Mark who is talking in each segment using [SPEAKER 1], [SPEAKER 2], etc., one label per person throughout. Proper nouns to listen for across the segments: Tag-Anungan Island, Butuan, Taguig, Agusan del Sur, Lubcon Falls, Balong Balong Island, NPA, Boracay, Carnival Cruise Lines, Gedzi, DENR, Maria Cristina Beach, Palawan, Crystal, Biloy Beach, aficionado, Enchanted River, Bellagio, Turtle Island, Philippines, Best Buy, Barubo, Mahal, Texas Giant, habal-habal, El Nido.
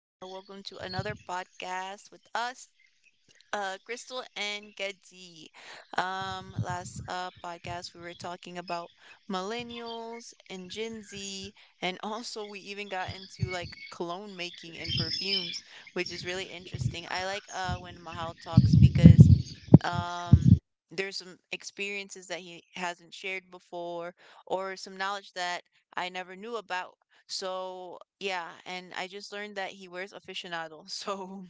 [SPEAKER 1] welcome to another podcast with us. Crystal and Gedzi. Last podcast we were talking about millennials and Gen Z, and also we even got into like cologne making and perfumes, which is really interesting. I like when Mahal talks because um there's some experiences that he hasn't shared before or some knowledge that I never knew about. So yeah, and I just learned that he wears aficionado. So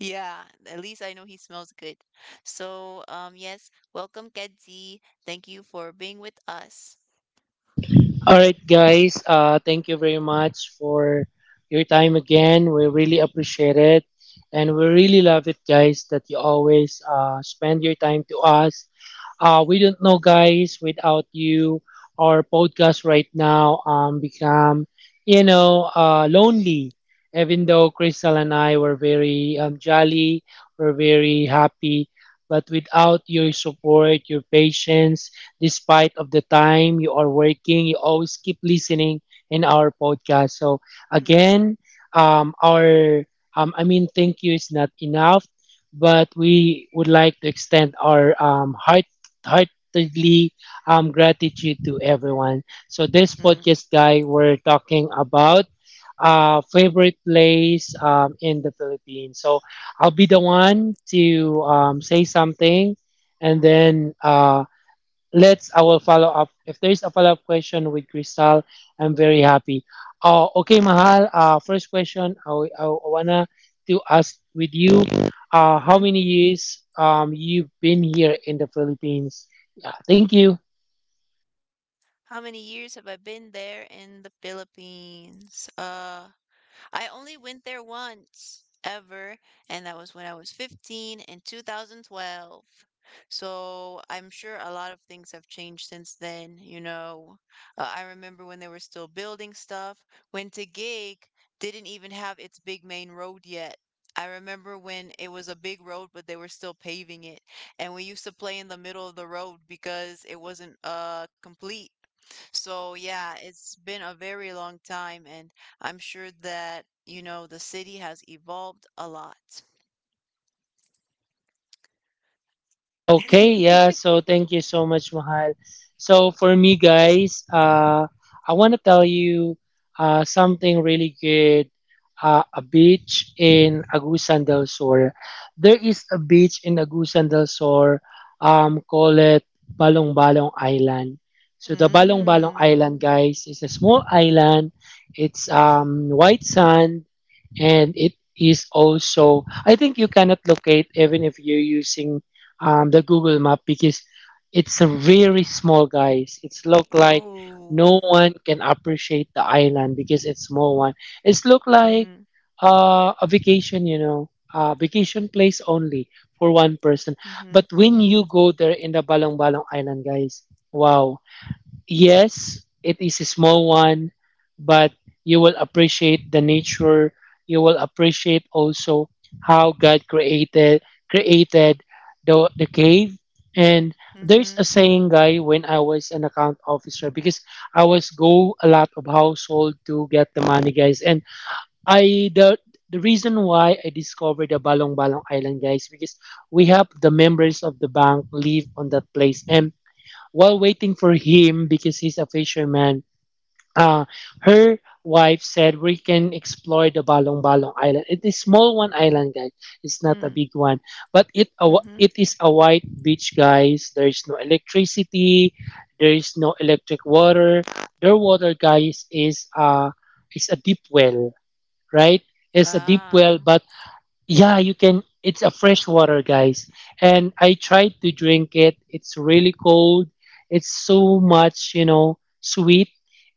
[SPEAKER 1] yeah, at least I know he smells good. So, yes, welcome, Kedzi. Thank you for being with us.
[SPEAKER 2] All right, guys. Thank you very much for your time again. We really appreciate it. And we really love it, guys, that you always spend your time to us. We don't know, guys. Without you, our podcast right now become lonely. Even though Crystal and I were very jolly, we're very happy, but without your support, your patience, despite of the time you are working, you always keep listening in our podcast. So
[SPEAKER 1] Mm.
[SPEAKER 2] again, um, our thank you is not enough, but we would like to extend our heartily gratitude to everyone. So this
[SPEAKER 1] Mm.
[SPEAKER 2] podcast, guy, we're talking about favorite place in the Philippines. So I'll be the one to say something, and then let's I will follow up. If there is a follow up question with Crystal, I'm very happy. Okay, Mahal. First question I, I wanna to ask with you. How
[SPEAKER 1] Hmm.
[SPEAKER 2] many years you've been here in the Philippines? Yeah, thank you.
[SPEAKER 1] How many years have I been there in the Philippines? I only went there once ever, and that was when I was 15 in 2012. So I'm sure a lot of things have changed since then, you know. I remember when they were still building stuff, when Taguig didn't even have its big main road yet. I remember when it was a big road, but they were still paving it. And we used to play in the middle of the road because it wasn't complete. So yeah, it's been a very long time, and I'm sure that, you know, the city has evolved a lot.
[SPEAKER 2] Okay, yeah. So thank you so much, Mahal. So for me, guys, I want to tell you something really good. A beach in Agusan del Sur. There is a beach in Agusan del Sur. Call it Balong Balong Island. So the Balong Balong Island,
[SPEAKER 1] Mm.
[SPEAKER 2] guys, is a small island. It's white sand, and it is also I think you cannot locate even if you're using the Google map, because it's a very small, guys. It's look like
[SPEAKER 1] Oh.
[SPEAKER 2] no one can appreciate the island because it's small one. It's look like
[SPEAKER 1] Mm-hmm.
[SPEAKER 2] a vacation, vacation place only for one person.
[SPEAKER 1] Mm-hmm.
[SPEAKER 2] But when you
[SPEAKER 1] Mm-hmm.
[SPEAKER 2] go there in the Balong Balong Island, guys, wow. Yes, it is a small one, but you will appreciate the nature. You will appreciate also how God created created the cave. And there's a
[SPEAKER 1] Mm-hmm.
[SPEAKER 2] saying, guy, when I was an account officer, because I was go a lot of household to get the money, guys. And I the reason why I discovered the Balong Balong Island, guys, because we have the members of the bank live on that place. And while waiting for him, because he's a fisherman, uh, her wife said we can explore the Balong Balong Island. It is small one island, guys. It's not a
[SPEAKER 1] Mm.
[SPEAKER 2] big one, but
[SPEAKER 1] Mm-hmm.
[SPEAKER 2] it is a white beach, guys. There is no electricity. There is no electric water. Their water, guys, is a deep well, right? It's a deep well,
[SPEAKER 1] Ah.
[SPEAKER 2] but yeah, you can. It's a fresh water, guys. And I tried to drink it. It's really cold. It's so much, you know, sweet.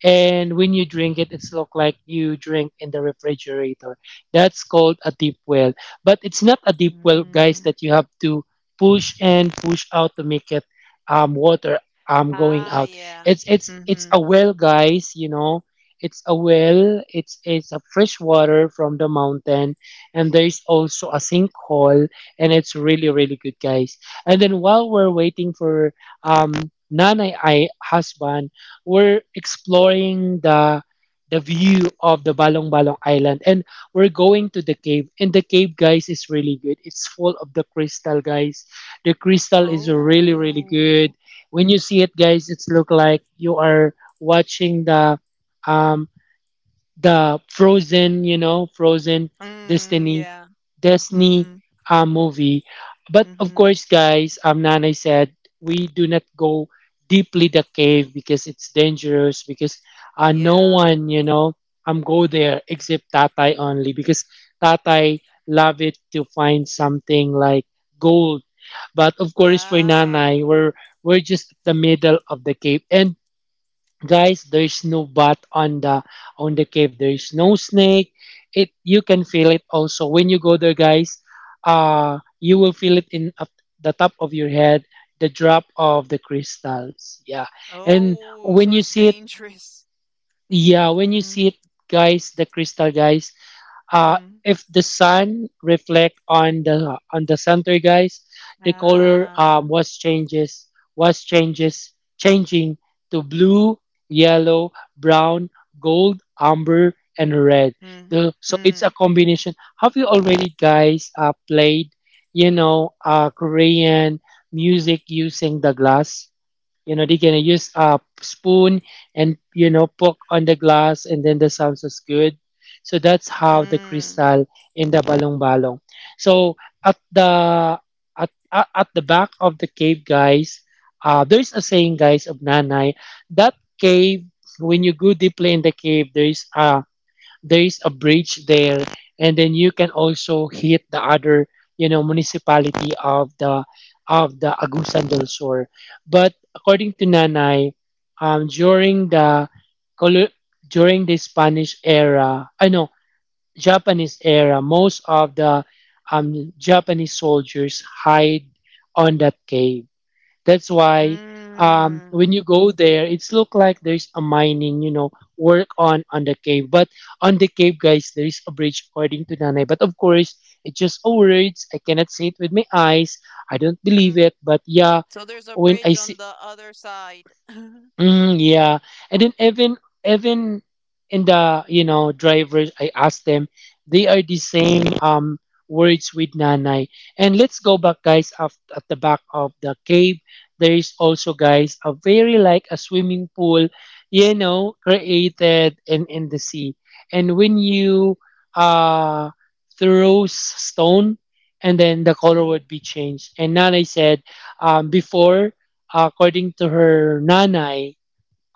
[SPEAKER 2] And when you drink it, it's look like you drink in the refrigerator. That's called a deep well. But it's not a deep well, guys,
[SPEAKER 1] Mm.
[SPEAKER 2] that you have to push and push out to make it water going
[SPEAKER 1] Ah,
[SPEAKER 2] out.
[SPEAKER 1] yeah.
[SPEAKER 2] It's it's a
[SPEAKER 1] Mm-hmm.
[SPEAKER 2] well, guys, you know. It's a well. It's a fresh water from the mountain, and there's also a sinkhole, and it's really really good, guys. And then while we're waiting for um nanay I husband, we're exploring the view of the Balong Balong Island. And we're going to the cave, and the cave, guys, is really good. It's full of the crystal, guys. The crystal is really really good.
[SPEAKER 1] Oh.
[SPEAKER 2] When you see it, guys, it's look like you are watching um the Frozen, you know, Frozen,
[SPEAKER 1] Mm,
[SPEAKER 2] destiny,
[SPEAKER 1] yeah.
[SPEAKER 2] Disney
[SPEAKER 1] Mm-hmm.
[SPEAKER 2] movie. But of
[SPEAKER 1] Mm-hmm.
[SPEAKER 2] course, guys, Nana said we do not go deeply the cave because it's dangerous, because no
[SPEAKER 1] Yeah.
[SPEAKER 2] one, you know, go there except Tatay
[SPEAKER 1] Mm.
[SPEAKER 2] only, because Tatay love it to find something like gold. But of course, for
[SPEAKER 1] Ah.
[SPEAKER 2] Nanay, we're just the middle of the cave. And guys, there's no bat on the cave, there's no snake. It you can feel it also when you go there, guys. Uh, you will feel it in up the top of your head, the drop of the crystals, yeah. And
[SPEAKER 1] Oh,
[SPEAKER 2] when
[SPEAKER 1] so
[SPEAKER 2] you
[SPEAKER 1] it's
[SPEAKER 2] see it,
[SPEAKER 1] dangerous.
[SPEAKER 2] yeah, when you see
[SPEAKER 1] Mm.
[SPEAKER 2] it, guys, the crystal, guys. Uh,
[SPEAKER 1] Hmm.
[SPEAKER 2] if the sun reflect on the center, guys, the color
[SPEAKER 1] Ah.
[SPEAKER 2] was changes changing to blue, yellow, brown, gold, amber, and red.
[SPEAKER 1] Mm.
[SPEAKER 2] The, so it's a
[SPEAKER 1] Mm.
[SPEAKER 2] combination. Have you already, guys, played, Korean music using the glass? You know, they're gonna use a spoon and you know poke on the glass, and then the sounds is good. So that's how the
[SPEAKER 1] Mm.
[SPEAKER 2] crystal in the Balong Balong. So at the back of the cave, guys, there's a saying, guys, of Nanay that cave. When you go deeply in the cave, there is a bridge there, and then you can also hit the other, you know, municipality of the Agusan del Sur. But according to Nanay, during the colo- during the Spanish era, I know Japanese era, most of the Japanese soldiers hide on that cave. That's why when
[SPEAKER 1] Mm.
[SPEAKER 2] you go there, it's look like there's a mining, you know, work on the cave. But on the cave, guys, there is a bridge according to Nanay. But of course, it's just a words. I cannot see it with my eyes. I don't believe
[SPEAKER 1] Mm.
[SPEAKER 2] it. But yeah,
[SPEAKER 1] So there's a
[SPEAKER 2] when I
[SPEAKER 1] bridge on
[SPEAKER 2] see
[SPEAKER 1] the other side.
[SPEAKER 2] mm, yeah. And then even in the, you know, drivers, I asked them, they are the same words with Nanay. And let's go back, guys. Af At the back of the cave, there is also, guys, a very like a swimming pool, you know, created in the sea. And when you uh throw stone, and then the color
[SPEAKER 1] Mm.
[SPEAKER 2] would be changed. And Nanay said, before, according to her nanay,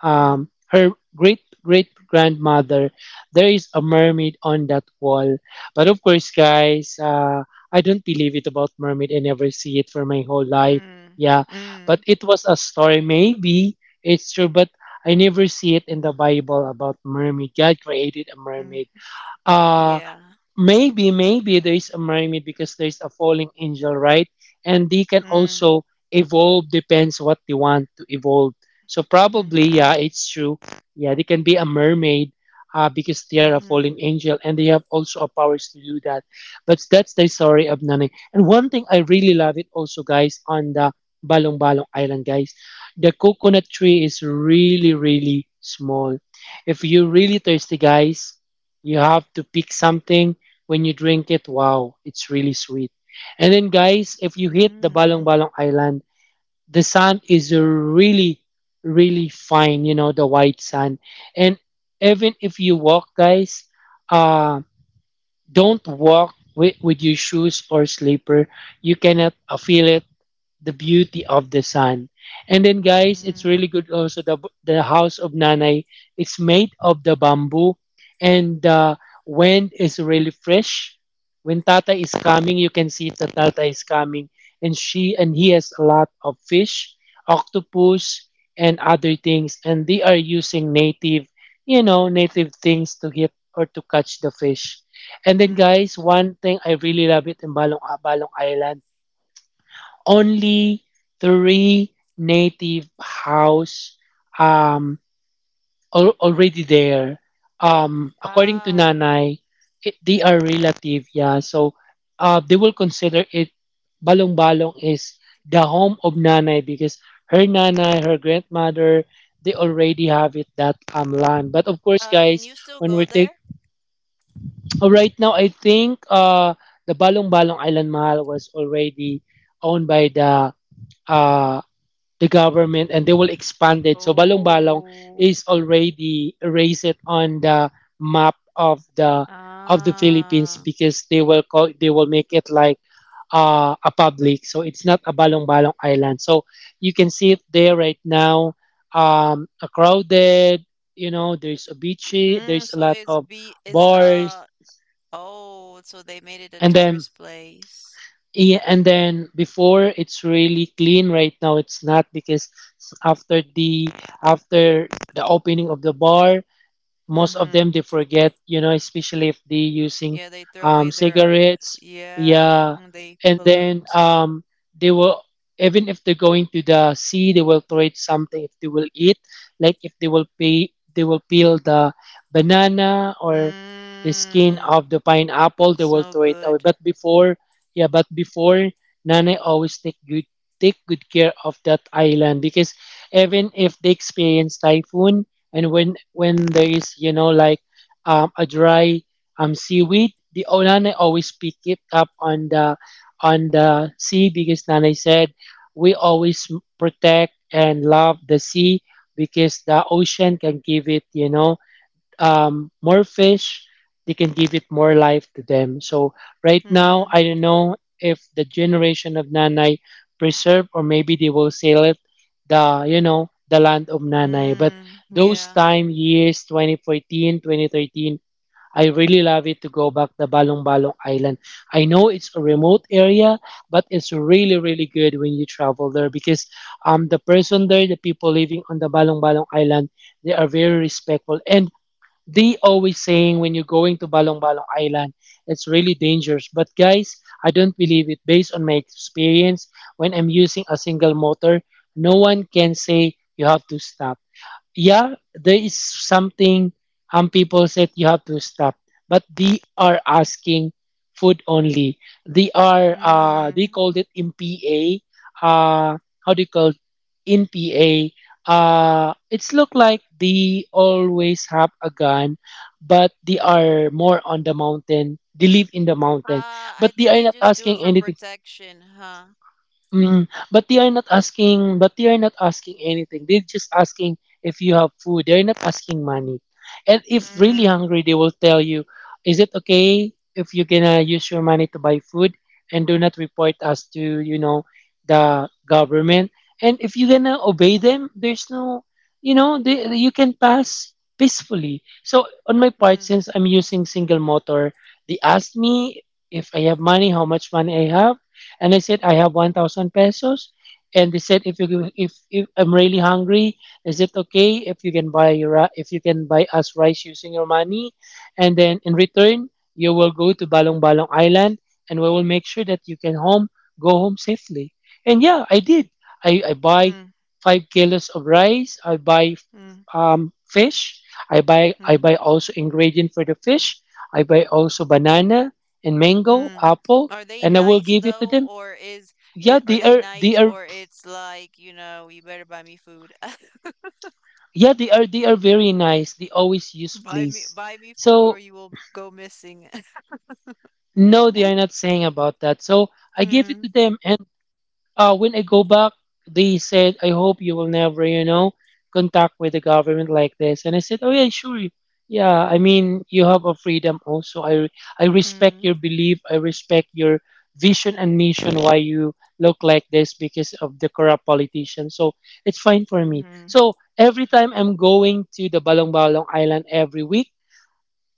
[SPEAKER 1] Mm.
[SPEAKER 2] her great great grandmother, there is a mermaid on that wall. But of course, guys, I don't believe it about mermaid. I never see it for my whole life. Yeah,
[SPEAKER 1] Mm.
[SPEAKER 2] but
[SPEAKER 1] Mm.
[SPEAKER 2] it was a story. Maybe it's true, but I never see it in the Bible about mermaid. God created a
[SPEAKER 1] Mm.
[SPEAKER 2] mermaid. Uh,
[SPEAKER 1] Yeah.
[SPEAKER 2] maybe there's a mermaid because there's a falling angel, right? And they can
[SPEAKER 1] Mm.
[SPEAKER 2] also evolve, depends what they want to evolve. So probably,
[SPEAKER 1] Mm-hmm.
[SPEAKER 2] yeah, it's true. Yeah, they can be a mermaid, because they are a
[SPEAKER 1] Mm-hmm.
[SPEAKER 2] falling angel and they have also a powers to do that. But that's the story of nani. And one thing I really love it also, guys, on the Balong Balong Island, guys, the coconut tree is really really small. If you're really thirsty, guys, you have to pick something. When you drink it, wow, it's really sweet. And then, guys, if you hit the Balong
[SPEAKER 1] Mm.
[SPEAKER 2] Balong Island, the sand is really, really fine, you know, the white sand. And even if you walk, guys, uh, don't walk with your shoes or slipper. You cannot feel it the beauty of the sun. And then, guys, it's really
[SPEAKER 1] Mm.
[SPEAKER 2] good also the house of Nanay. It's made of the bamboo, and the wind is really fresh. When Tata is coming, you can see that Tata is coming, and she and he has a lot of fish, octopus, and other things, and they are using native, you know, native things to hit or to catch the fish. And then,
[SPEAKER 1] Mm.
[SPEAKER 2] guys, one thing I really love it in Balong Balong Island, only three native house um, already there. According to
[SPEAKER 1] Ah,
[SPEAKER 2] Nanay, it, they are relative, yeah. So they will consider it Balong Balong is the home of Nanay, because her Nanay, her grandmother, they already have it that land. But of course,
[SPEAKER 1] can
[SPEAKER 2] guys,
[SPEAKER 1] you still
[SPEAKER 2] when we
[SPEAKER 1] go
[SPEAKER 2] take
[SPEAKER 1] there?
[SPEAKER 2] right now, I think the Balong Balong Island Mahal was already owned by the uh government, and they will expand it. So Balong Balong
[SPEAKER 1] Oh.
[SPEAKER 2] is already erased it on the map of the Philippines,
[SPEAKER 1] Ah.
[SPEAKER 2] because they will make it like a public. So it's not a Balong Balong island. So you can see it there right now. A crowded, there's a beachy,
[SPEAKER 1] Mm.
[SPEAKER 2] there's a
[SPEAKER 1] so
[SPEAKER 2] lot
[SPEAKER 1] it's
[SPEAKER 2] of
[SPEAKER 1] be is
[SPEAKER 2] bars,
[SPEAKER 1] uh Oh, so they made it a
[SPEAKER 2] and then,
[SPEAKER 1] tourist place.
[SPEAKER 2] yeah, and then before it's really clean. Right now it's not, because after the after the opening of the bar, most of
[SPEAKER 1] Mm-hmm.
[SPEAKER 2] them they forget, you know, especially if they using
[SPEAKER 1] Yeah, they throw away their.
[SPEAKER 2] cigarettes,
[SPEAKER 1] Yeah,
[SPEAKER 2] yeah.
[SPEAKER 1] mm-hmm, they
[SPEAKER 2] And then
[SPEAKER 1] pollute.
[SPEAKER 2] they will, even if they're going to the sea they will throw it something. If they will eat, like, if they will pay, they will peel the banana or the skin
[SPEAKER 1] Mm,
[SPEAKER 2] of the pineapple, they
[SPEAKER 1] it's
[SPEAKER 2] will
[SPEAKER 1] no
[SPEAKER 2] throw it away.
[SPEAKER 1] good.
[SPEAKER 2] But before, yeah, but before, nana always take good care of that island, because even if they experience typhoon, and when
[SPEAKER 1] Mm-hmm.
[SPEAKER 2] there is, you know, like a dry seaweed, the, oh, nanay always pick it up on the sea because nanay said we always protect and love the sea, because the ocean can give it, you know, more fish, they can give it more life to them. So right now,
[SPEAKER 1] Mm-hmm.
[SPEAKER 2] I don't know if the generation of Nanay preserve, or maybe they will sell it, the, you know, the land of Nanay. But
[SPEAKER 1] Mm,
[SPEAKER 2] those
[SPEAKER 1] yeah.
[SPEAKER 2] time years 2014, 2013, I really love it to go back the Balong Balong Island. I know it's a remote area, but it's really really good when you travel there, because the person there, the people living on the Balong Balong Island, they are very respectful, and they always saying when you're going to Balong Balong Island, it's really dangerous. But guys, I don't believe it. Based on my experience, when I'm using a single motor, no one can say you have to stop. Yeah, there is something, people said you have to stop, but they are asking food only. They are they
[SPEAKER 1] Mm.
[SPEAKER 2] called it MPA. Uh how do you call it? NPA. It's look like they always have a gun, but they are more on the mountain. They live in the mountain,
[SPEAKER 1] I
[SPEAKER 2] but they
[SPEAKER 1] think
[SPEAKER 2] are
[SPEAKER 1] they
[SPEAKER 2] not
[SPEAKER 1] just do it
[SPEAKER 2] asking
[SPEAKER 1] for
[SPEAKER 2] anything.
[SPEAKER 1] protection, huh?
[SPEAKER 2] Mm, but they are not asking, but they are not asking anything. They're just asking if you have food. They're not asking money. And if really
[SPEAKER 1] Mm.
[SPEAKER 2] hungry, they will tell you, is it okay if you're gonna use your money to buy food and do not report us to, you know, the government? And if you're gonna obey them, there's no, you know, they, you can pass peacefully. So on my part,
[SPEAKER 1] Mm.
[SPEAKER 2] since I'm using single motor, they asked me if I have money, how much money I have. And I said, I have 1,000 pesos. And they said, if you if I'm really hungry, is it okay if you can buy if you can buy us rice using your money? And then in return, you will go to Balong Balong Island, and we will make sure that you can home go home safely. And yeah, I did. I buy
[SPEAKER 1] Mm.
[SPEAKER 2] 5 kilos of rice. I buy
[SPEAKER 1] Mm.
[SPEAKER 2] fish. I
[SPEAKER 1] Mm.
[SPEAKER 2] buy also ingredient for the fish. I buy also banana and mango,
[SPEAKER 1] Mm.
[SPEAKER 2] apple,
[SPEAKER 1] Are they
[SPEAKER 2] and I will
[SPEAKER 1] nice
[SPEAKER 2] give it to
[SPEAKER 1] though,
[SPEAKER 2] them.
[SPEAKER 1] or is
[SPEAKER 2] Yeah,
[SPEAKER 1] it, are
[SPEAKER 2] they
[SPEAKER 1] they
[SPEAKER 2] are,
[SPEAKER 1] nice,
[SPEAKER 2] they are.
[SPEAKER 1] or it's like, you better buy me food.
[SPEAKER 2] Yeah, they are, they are very nice, they always use
[SPEAKER 1] Buy me,
[SPEAKER 2] please.
[SPEAKER 1] buy me food, or
[SPEAKER 2] So
[SPEAKER 1] you will go missing.
[SPEAKER 2] no, they are not saying about that. So I gave it
[SPEAKER 1] Mm.
[SPEAKER 2] to them. And when I go back, they said, I hope you will never, you know, contact with the government like this. And I said, oh yeah, sure. Yeah, I mean, you have a freedom also. I respect
[SPEAKER 1] Mm.
[SPEAKER 2] your belief. I respect your vision and mission, why you look like this, because of the corrupt politician. So it's fine for me.
[SPEAKER 1] Mhm.
[SPEAKER 2] So every time I'm going to the Balong Balong Island every week,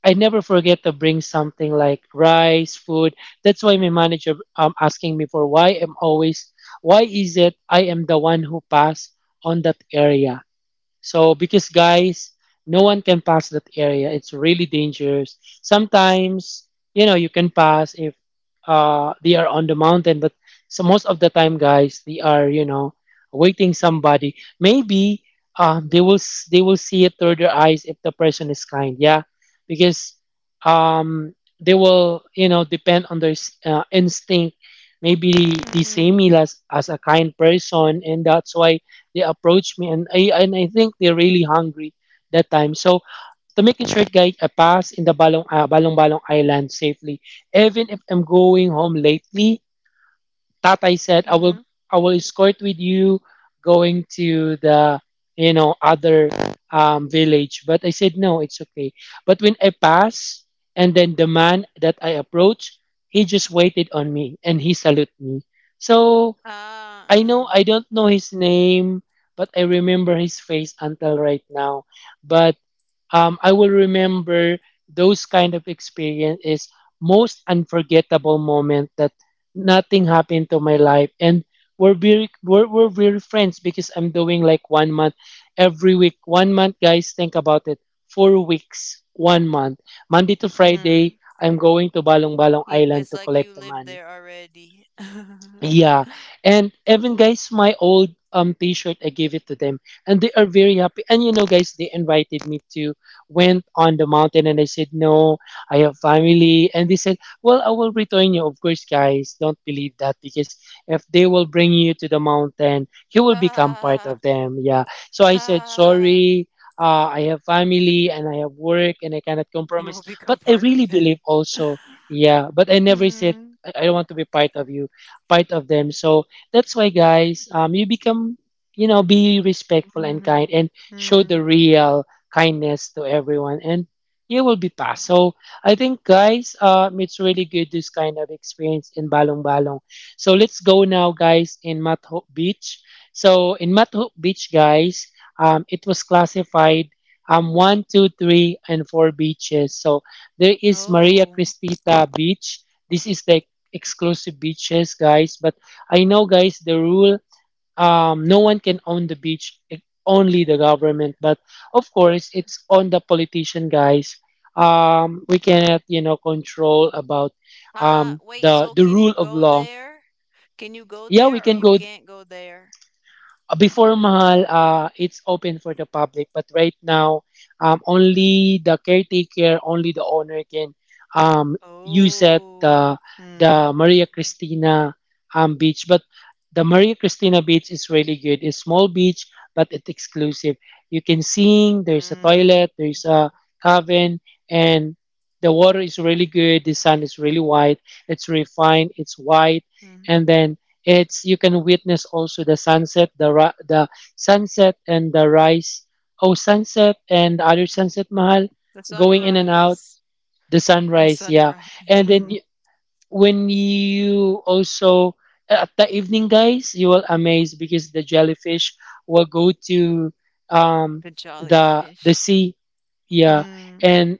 [SPEAKER 2] I never forget to bring something like rice, food. That's why my manager asking me for why I'm always, why is it I am the one who pass on that area. So because guys, no one can pass that area. It's really dangerous. Sometimes, you know, you can pass if they are on the mountain, but so most of the time guys, they are, you know, waiting somebody. Maybe they will see it through their eyes if the person is kind. Yeah. Because um they will, you know, depend on their instinct. Maybe they
[SPEAKER 1] Mhm.
[SPEAKER 2] see me as, a kind person, and that's why they approached me, and I think they're really hungry that time. So to make it short, guys, I pass in the Balong, Balong Balong Island safely. Even if I'm going home lately, Tatay said
[SPEAKER 1] Mhm.
[SPEAKER 2] I will escort with you going to the, you know, other village. But I said no, it's okay. But when I pass, and then the man that I approached, he just waited on me and he saluted me. So
[SPEAKER 1] Ah.
[SPEAKER 2] I know,
[SPEAKER 1] Mm.
[SPEAKER 2] I don't know his name, but I remember his face until right now. But I will remember those kind of experience is most unforgettable moment, that nothing happened to my life, and we're very friends, because I'm doing like one month every week. One month, guys, think about it. 4 weeks, one month. Monday to
[SPEAKER 1] Mhm.
[SPEAKER 2] Friday, I'm going to Balong Balong
[SPEAKER 1] You,
[SPEAKER 2] Island
[SPEAKER 1] it's
[SPEAKER 2] to
[SPEAKER 1] like you
[SPEAKER 2] collect the
[SPEAKER 1] live
[SPEAKER 2] money.
[SPEAKER 1] there already.
[SPEAKER 2] Yeah, and even guys, my old t-shirt, I gave it to them, and they are very happy. And you know, guys, they invited me to went on the mountain, and I said no, I have family, and they said, well, I will return you. Of course, guys, don't believe that, because if they will bring you to the mountain, you will become part
[SPEAKER 1] Ah.
[SPEAKER 2] of them. Yeah, so I said
[SPEAKER 1] Ah.
[SPEAKER 2] sorry. I have family and I have work, and I cannot
[SPEAKER 1] You
[SPEAKER 2] compromise.
[SPEAKER 1] will become
[SPEAKER 2] But I
[SPEAKER 1] part of
[SPEAKER 2] really
[SPEAKER 1] them.
[SPEAKER 2] believe also, yeah. But I never said
[SPEAKER 1] Mm.
[SPEAKER 2] I don't want to be part of you, part of them. So that's why, guys, you become, you know, be respectful and
[SPEAKER 1] Mhm.
[SPEAKER 2] kind, and show the
[SPEAKER 1] Mm.
[SPEAKER 2] real kindness to everyone, and you will be passed. So I think, guys, it's really good this kind of experience in Balong Balong. So let's go now, guys, in Matho Beach. So in Matho Beach, guys, it was classified one, two, three, and four beaches. So there is Maria
[SPEAKER 1] Oh.
[SPEAKER 2] Cristita Beach. This is the exclusive beaches, guys. But I know, guys, the rule, no one can own the beach, only the government. But of course, it's on the politician, guys. We cannot, you know, control about
[SPEAKER 1] Ah, wait,
[SPEAKER 2] the
[SPEAKER 1] so can you
[SPEAKER 2] rule of
[SPEAKER 1] go
[SPEAKER 2] law.
[SPEAKER 1] there? Can you go
[SPEAKER 2] Yeah, we
[SPEAKER 1] there or
[SPEAKER 2] can
[SPEAKER 1] you
[SPEAKER 2] go.
[SPEAKER 1] can't go there?
[SPEAKER 2] Before Mahal, it's open for the public, but right now, only the caretaker, only the owner can um, use it.
[SPEAKER 1] Oh.
[SPEAKER 2] The
[SPEAKER 1] Hmm.
[SPEAKER 2] Maria Cristina beach, but the Maria Cristina beach is really good. It's small beach, but it's exclusive. You can sing. There's a
[SPEAKER 1] Hmm.
[SPEAKER 2] toilet. There's a cabin, and the water is really good. The sun is really white. It's refined. It's white,
[SPEAKER 1] Mm.
[SPEAKER 2] and then it's you can witness also the sunset, the sunset and the rise. Oh, sunset and other sunset, mahal,
[SPEAKER 1] The
[SPEAKER 2] going in and out.
[SPEAKER 1] sunrise.
[SPEAKER 2] The sunrise, yeah.
[SPEAKER 1] Sunrise.
[SPEAKER 2] And then when you also at the evening, guys, you will amaze because the jellyfish will go to um
[SPEAKER 1] The
[SPEAKER 2] the
[SPEAKER 1] jellyfish.
[SPEAKER 2] sea, yeah.
[SPEAKER 1] Mm.
[SPEAKER 2] And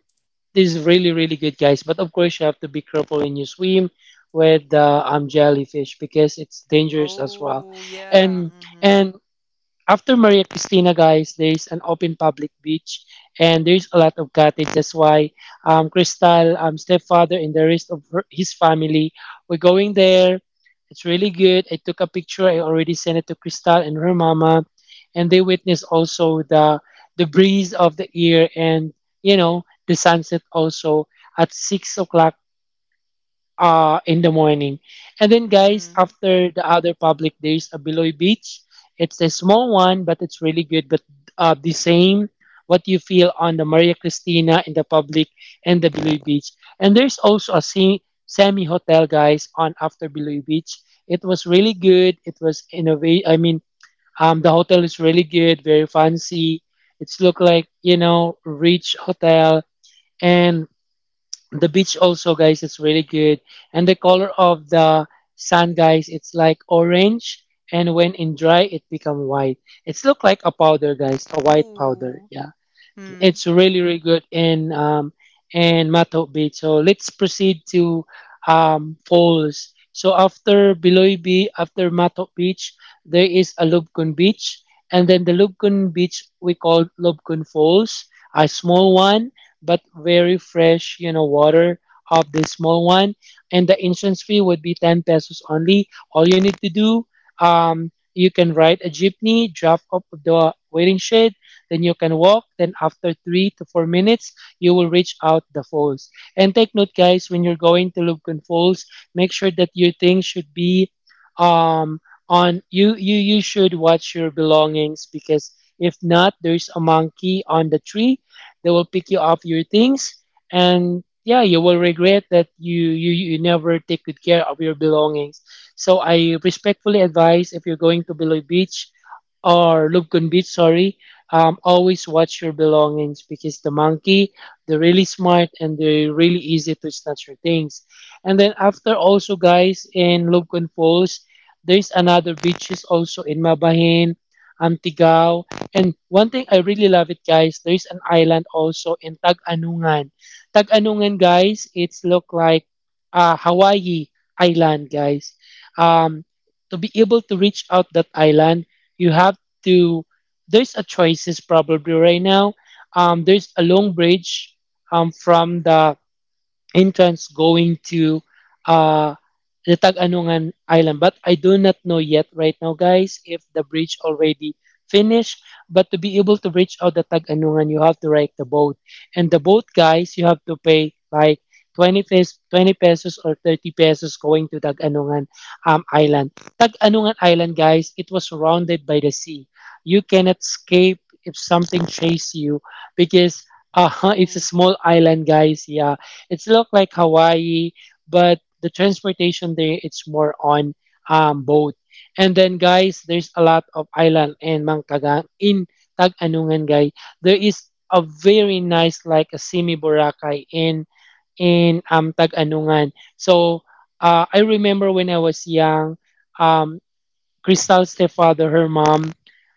[SPEAKER 2] these really, really good guys. But of course, you have to be careful when you swim with jellyfish, because it's dangerous as well.
[SPEAKER 1] Oh, yeah.
[SPEAKER 2] And
[SPEAKER 1] Mhm.
[SPEAKER 2] and after Maria Cristina, guys, there's an open public beach, and there's a lot of cottage. That's why Crystal, stepfather, and the rest of her, his family were going there. It's really good. I took a picture. I already sent it to Crystal and her mama, and they witnessed also the breeze of the air, and, you know, the sunset also at 6 o'clock in the morning. And then, guys,
[SPEAKER 1] Mm.
[SPEAKER 2] after the other public, there's a Biloy Beach. It's a small one, but it's really good. But the same what you feel on the Maria Cristina, in the public and the Biloy Beach. And there's also a semi hotel, guys, on after Biloy Beach. It was really good. It was innovate. I mean, the hotel is really good, very fancy. It's look like, you know, rich hotel, and the beach also, guys, it's really good, and the color of the sand, guys, it's like orange, and when in dry it become white. It's look like a powder, guys, a white powder,
[SPEAKER 1] Oh.
[SPEAKER 2] yeah.
[SPEAKER 1] Mm.
[SPEAKER 2] It's really really good in Mato Beach. So let's proceed to falls. So after Biloy Bay, after Mato Beach, there is a Lubcon Beach, and then the Lubcon Beach we call Lubcon Falls, a small one but very fresh, you know, water of this small one. And the entrance fee would be 10 pesos only. All you need to do, you can ride a jeepney, drop off the waiting shed, then you can walk. Then after 3 to 4 minutes, you will reach out the falls. And take note, guys, when you're going to Lubcon Falls, make sure that your things should be um on you, you you should watch your belongings, because if not, there's a monkey on the tree. They will pick you up your things, and yeah, you will regret that you never take good care of your belongings. So I respectfully advise if you're going to Biloy Beach or Lubcon Beach, sorry, always watch your belongings because the monkey, they're really smart and they're really easy to snatch your things. And then after also guys in Lubcon Falls, there's another beaches also in Mabahin, Antigao. And one thing I really love it guys, there's an island also in Tag-Anungan. Tag-Anungan guys, it's look like Hawaii island guys. Um, to be able to reach out that island, you have to there's a choices probably right now. There's a long bridge from the entrance going to uh, the Tag-Anungan Island. But I do not know yet right now, guys, if the bridge already finished. But to be able to reach out the Tag-Anungan, you have to ride the boat. And the boat, guys, you have to pay like 20 pesos, 20 pesos or 30 pesos going to Tag-Anungan Island. Tag-Anungan Island, guys, it was surrounded by the sea. You cannot escape if something chase you because uh, it's a
[SPEAKER 1] Oh.
[SPEAKER 2] small island, guys. Yeah. It's look like Hawaii, but the transportation there it's more on boat. And then guys, there's a lot of island in Mangkagang in Tag-Anungan guys. There is a very nice like a Simi Boracay in in Tag-Anungan. So I remember when I was young, um, Crystal's stepfather, her mom,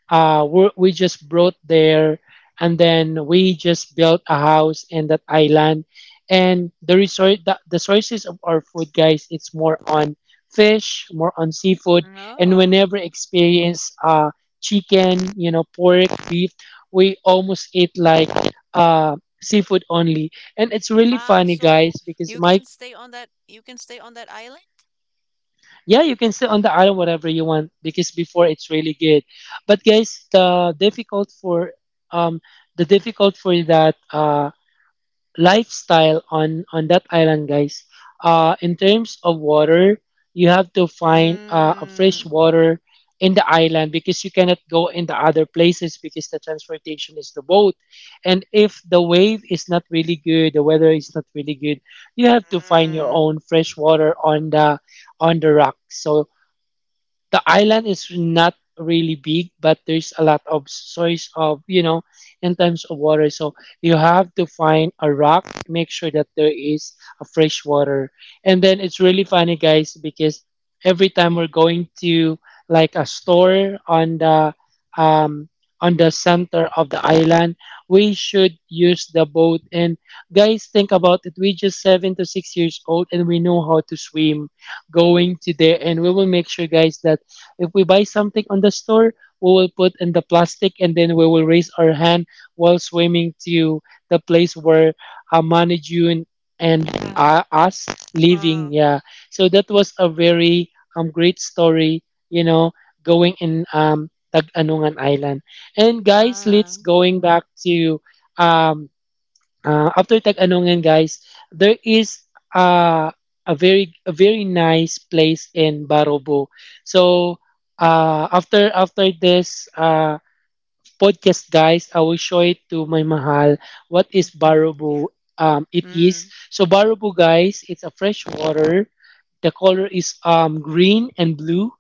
[SPEAKER 2] we just brought there, and then we just built a house in that island. And the resort, the sources of our food, guys, it's more on fish, more on seafood, and
[SPEAKER 1] Um.
[SPEAKER 2] whenever experience chicken, you know, pork, beef, we almost ate like uh seafood only. And it's really
[SPEAKER 1] Ah,
[SPEAKER 2] funny, guys,
[SPEAKER 1] so
[SPEAKER 2] because
[SPEAKER 1] you
[SPEAKER 2] my—
[SPEAKER 1] can stay on that island?
[SPEAKER 2] Yeah, you can sit on the island whatever you want because before it's really good. But guys, um the difficult for that lifestyle on that island, guys. In terms of water, you have to find a fresh
[SPEAKER 1] Mm.
[SPEAKER 2] water in the island because you cannot go in the other places because the transportation is the boat. And if the wave is not really good, the weather is not really good, you have to find your
[SPEAKER 1] Mm.
[SPEAKER 2] own fresh water on the rock. So the island is not really big but there's a lot of source of, you know, in terms of water, so you have to find a rock, make sure that there is a fresh water. And then it's really funny guys because every time we're going to like a store um on the center of the island, we should use the boat. And guys, think about it, we just 7 to 6 years old and we know how to swim going to there. And we will make sure guys that if we buy something on the store, we will put in the plastic and then we will raise our hand while swimming to the place where Manijun and us
[SPEAKER 1] Ah.
[SPEAKER 2] living.
[SPEAKER 1] Ah.
[SPEAKER 2] Yeah. So that was a very great story, you know, going in Tag-Anungan Island. And guys,
[SPEAKER 1] Ah.
[SPEAKER 2] let's going back to um after Tag-Anongan guys, there is uh, a very nice place in Barobo. So after this podcast, guys, I will show it to my mahal what is barubu it is.
[SPEAKER 1] Mm.
[SPEAKER 2] So barubu, guys, it's a fresh water. The color is green and blue,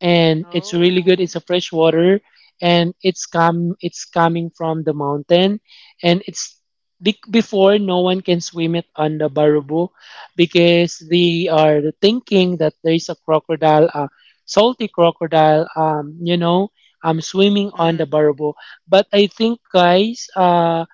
[SPEAKER 2] and it's really good. It's
[SPEAKER 1] Oh.
[SPEAKER 2] a fresh water, and it's coming from the mountain, and before no one can swim it on the barubu because they are thinking that there is a crocodile, a salty crocodile, you know, swimming on the
[SPEAKER 1] Mm.
[SPEAKER 2] barubu. But I think guys,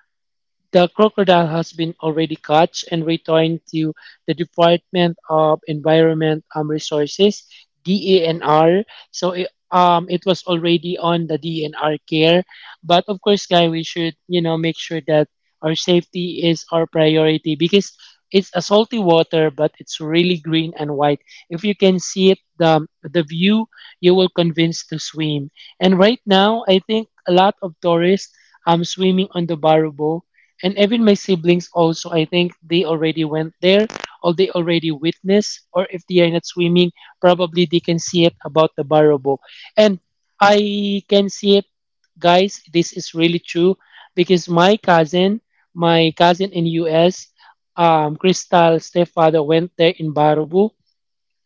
[SPEAKER 2] the crocodile has been already caught and returned to the Department of Environment Resources (DENR). So it, it was already on the DNR care. But of course, guys, we should, you know, make sure that our safety is our priority because it's a salty water, but it's really green and white. If you can see it, the view, you will convince to swim. And right now, I think a lot of tourists swimming on the Barubo, and even my siblings also, I think they already went there or they already witnessed. Or if they are not swimming, probably they can see it about the barabo. And I can see it, guys, this is really true because my cousin, my cousin in us, Crystal stepfather went there in barabo.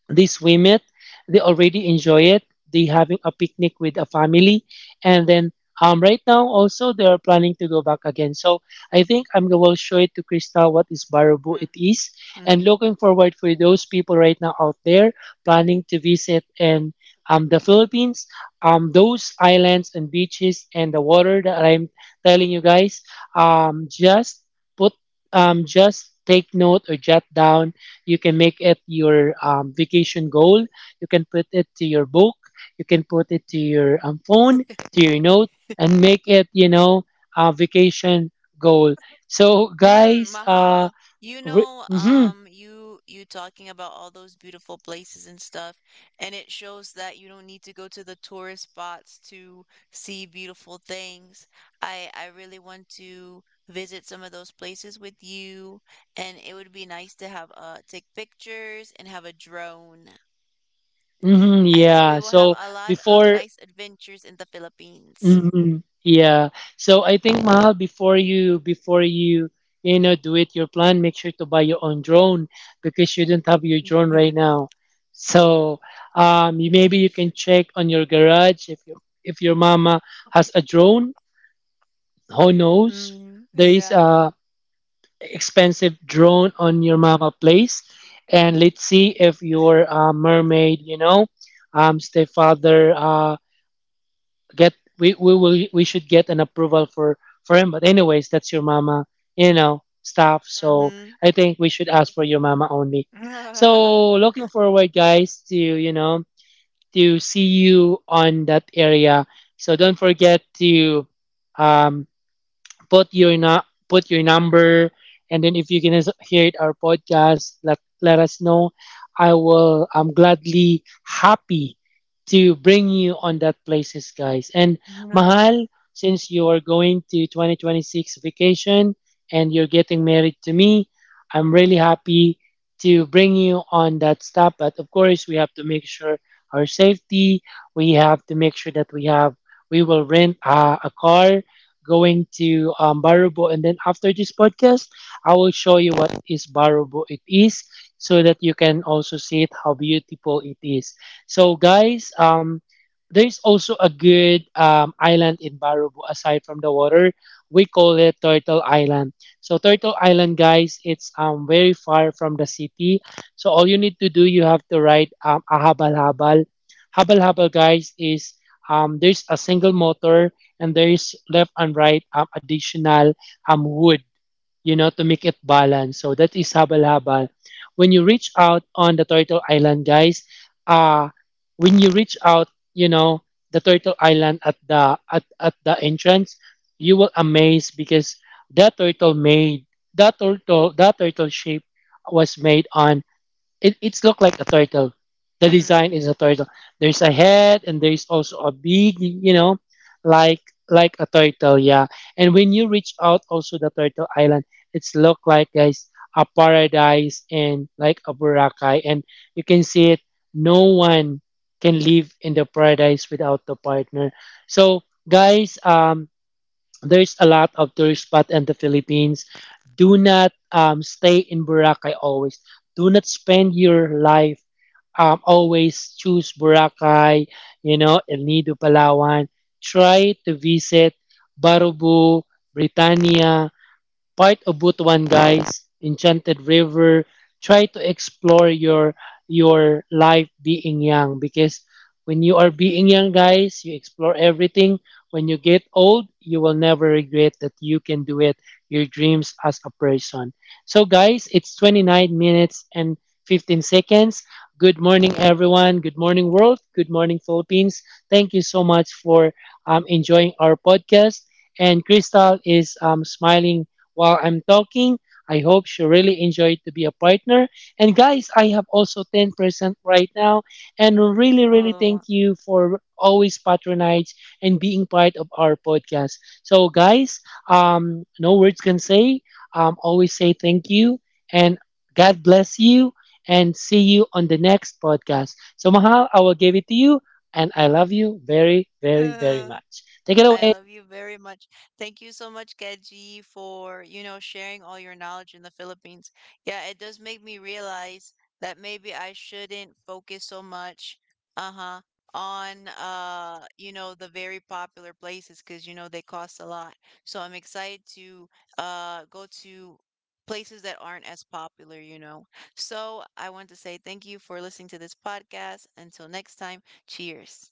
[SPEAKER 2] They swim it, they already enjoy it, they having a picnic with a family. And then right now also they are planning to go back again. So I think I'm going to show it to Crystal what is baraboo it
[SPEAKER 1] Mm.
[SPEAKER 2] is,
[SPEAKER 1] Mm.
[SPEAKER 2] and looking forward for those people right now out there planning to visit in the Philippines, those islands and beaches and the water that I'm telling you, guys. Um, just put— just take note or jot down. You can make it your vacation goal. You can put it to your book. You can put it to your phone, to your note, and make it, you know, a vacation goal. So,
[SPEAKER 1] Mm.
[SPEAKER 2] guys,
[SPEAKER 1] Mahal,
[SPEAKER 2] mhm,
[SPEAKER 1] you talking about all those beautiful places and stuff, and it shows that you don't need to go to the tourist spots to see beautiful things. I really want to visit some of those places with you, and it would be nice to have take pictures and have a drone.
[SPEAKER 2] mhm,
[SPEAKER 1] I think
[SPEAKER 2] yeah.
[SPEAKER 1] we will have
[SPEAKER 2] So,
[SPEAKER 1] a lot of
[SPEAKER 2] before
[SPEAKER 1] nice adventures in the Philippines.
[SPEAKER 2] hmm yeah. So I think Mahal, before you, you know, do it your plan, make sure to buy your own drone because you don't have your drone right now. So you, maybe you can check on your garage if your mama has a drone. Who knows?
[SPEAKER 1] Mm,
[SPEAKER 2] There is
[SPEAKER 1] yeah.
[SPEAKER 2] a expensive drone on your mama place, and let's see if your mermaid, you know, stepfather get— we should get an approval for him. But anyways, that's your mama, you know, stuff. So
[SPEAKER 1] Mm-hmm.
[SPEAKER 2] I think we should ask for your mama only. So looking forward, guys, to, you know, to see you on that area. So don't forget to um put your put your number. And then if you can hear it, our podcast, let let us know. I will, I'm gladly happy to bring you on that places, guys. And Mahal, since you are going to 2026 vacation and you're getting married to me, I'm really happy to bring you on that step. But of course we have to make sure our safety, we have to make sure that we have, we will rent a car going to Barubo. And then after this podcast, I will show you what is Barubo it is so that you can also see it, how beautiful it is. So guys, there's also a good island in Barubo aside from the water. We call it Turtle Island. So Turtle Island, guys, it's very far from the city. So all you need to do, you have to ride a habal habal. Habal habal, guys, is there's a single motor and there is left and right additional wood, you know, to make it balance. So that is habal-habal. When you reach out on the Turtle Island, guys, uh, when you reach out, you know, the Turtle Island at the at the entrance, you will amaze because that turtle made that turtle shape was made on— It it's look like a turtle. The
[SPEAKER 1] Mm.
[SPEAKER 2] design is a turtle. There's a head and there's also a beak, you know, like like a turtle, yeah. And when you reach out also the turtle island, it's look like guys a paradise and like a Boracay. And you can see it, no one can live in the paradise without the partner. So guys, there's a lot of tourist spot in the Philippines. Do not stay in Boracay always. Do not spend your life, always choose Boracay, you know, El Nido, Palawan. Try to visit Barubu, Britannia, part of Butuan, guys. Enchanted River. Try to explore your life being young because when you are being young, guys, you explore everything. When you get old, you will never regret that you can do it. Your dreams as a person. So, guys, it's 29 minutes and 15 seconds. Good morning, everyone. Good morning, world. Good morning, Philippines. Thank you so much for enjoying our podcast. And Crystal is smiling while I'm talking. I hope she really enjoyed to be a partner. And guys, I have also 10% right now. And really, really
[SPEAKER 1] Oh,
[SPEAKER 2] thank you for always patronizing and being part of our podcast. So guys, no words can say. Always say thank you and God bless you and see you on the next podcast. So Mahal, I will give it to you and I love you very, very, very
[SPEAKER 1] uh,
[SPEAKER 2] much. Take it
[SPEAKER 1] I
[SPEAKER 2] away.
[SPEAKER 1] love you very much. Thank you so much, Keji, for, sharing all your knowledge in the Philippines. Yeah, it does make me realize that maybe I shouldn't focus so much, uh-huh, on the very popular places because you know they cost a lot. So I'm excited to go to places that aren't as popular. So I want to say thank you for listening to this podcast. Until next time, cheers.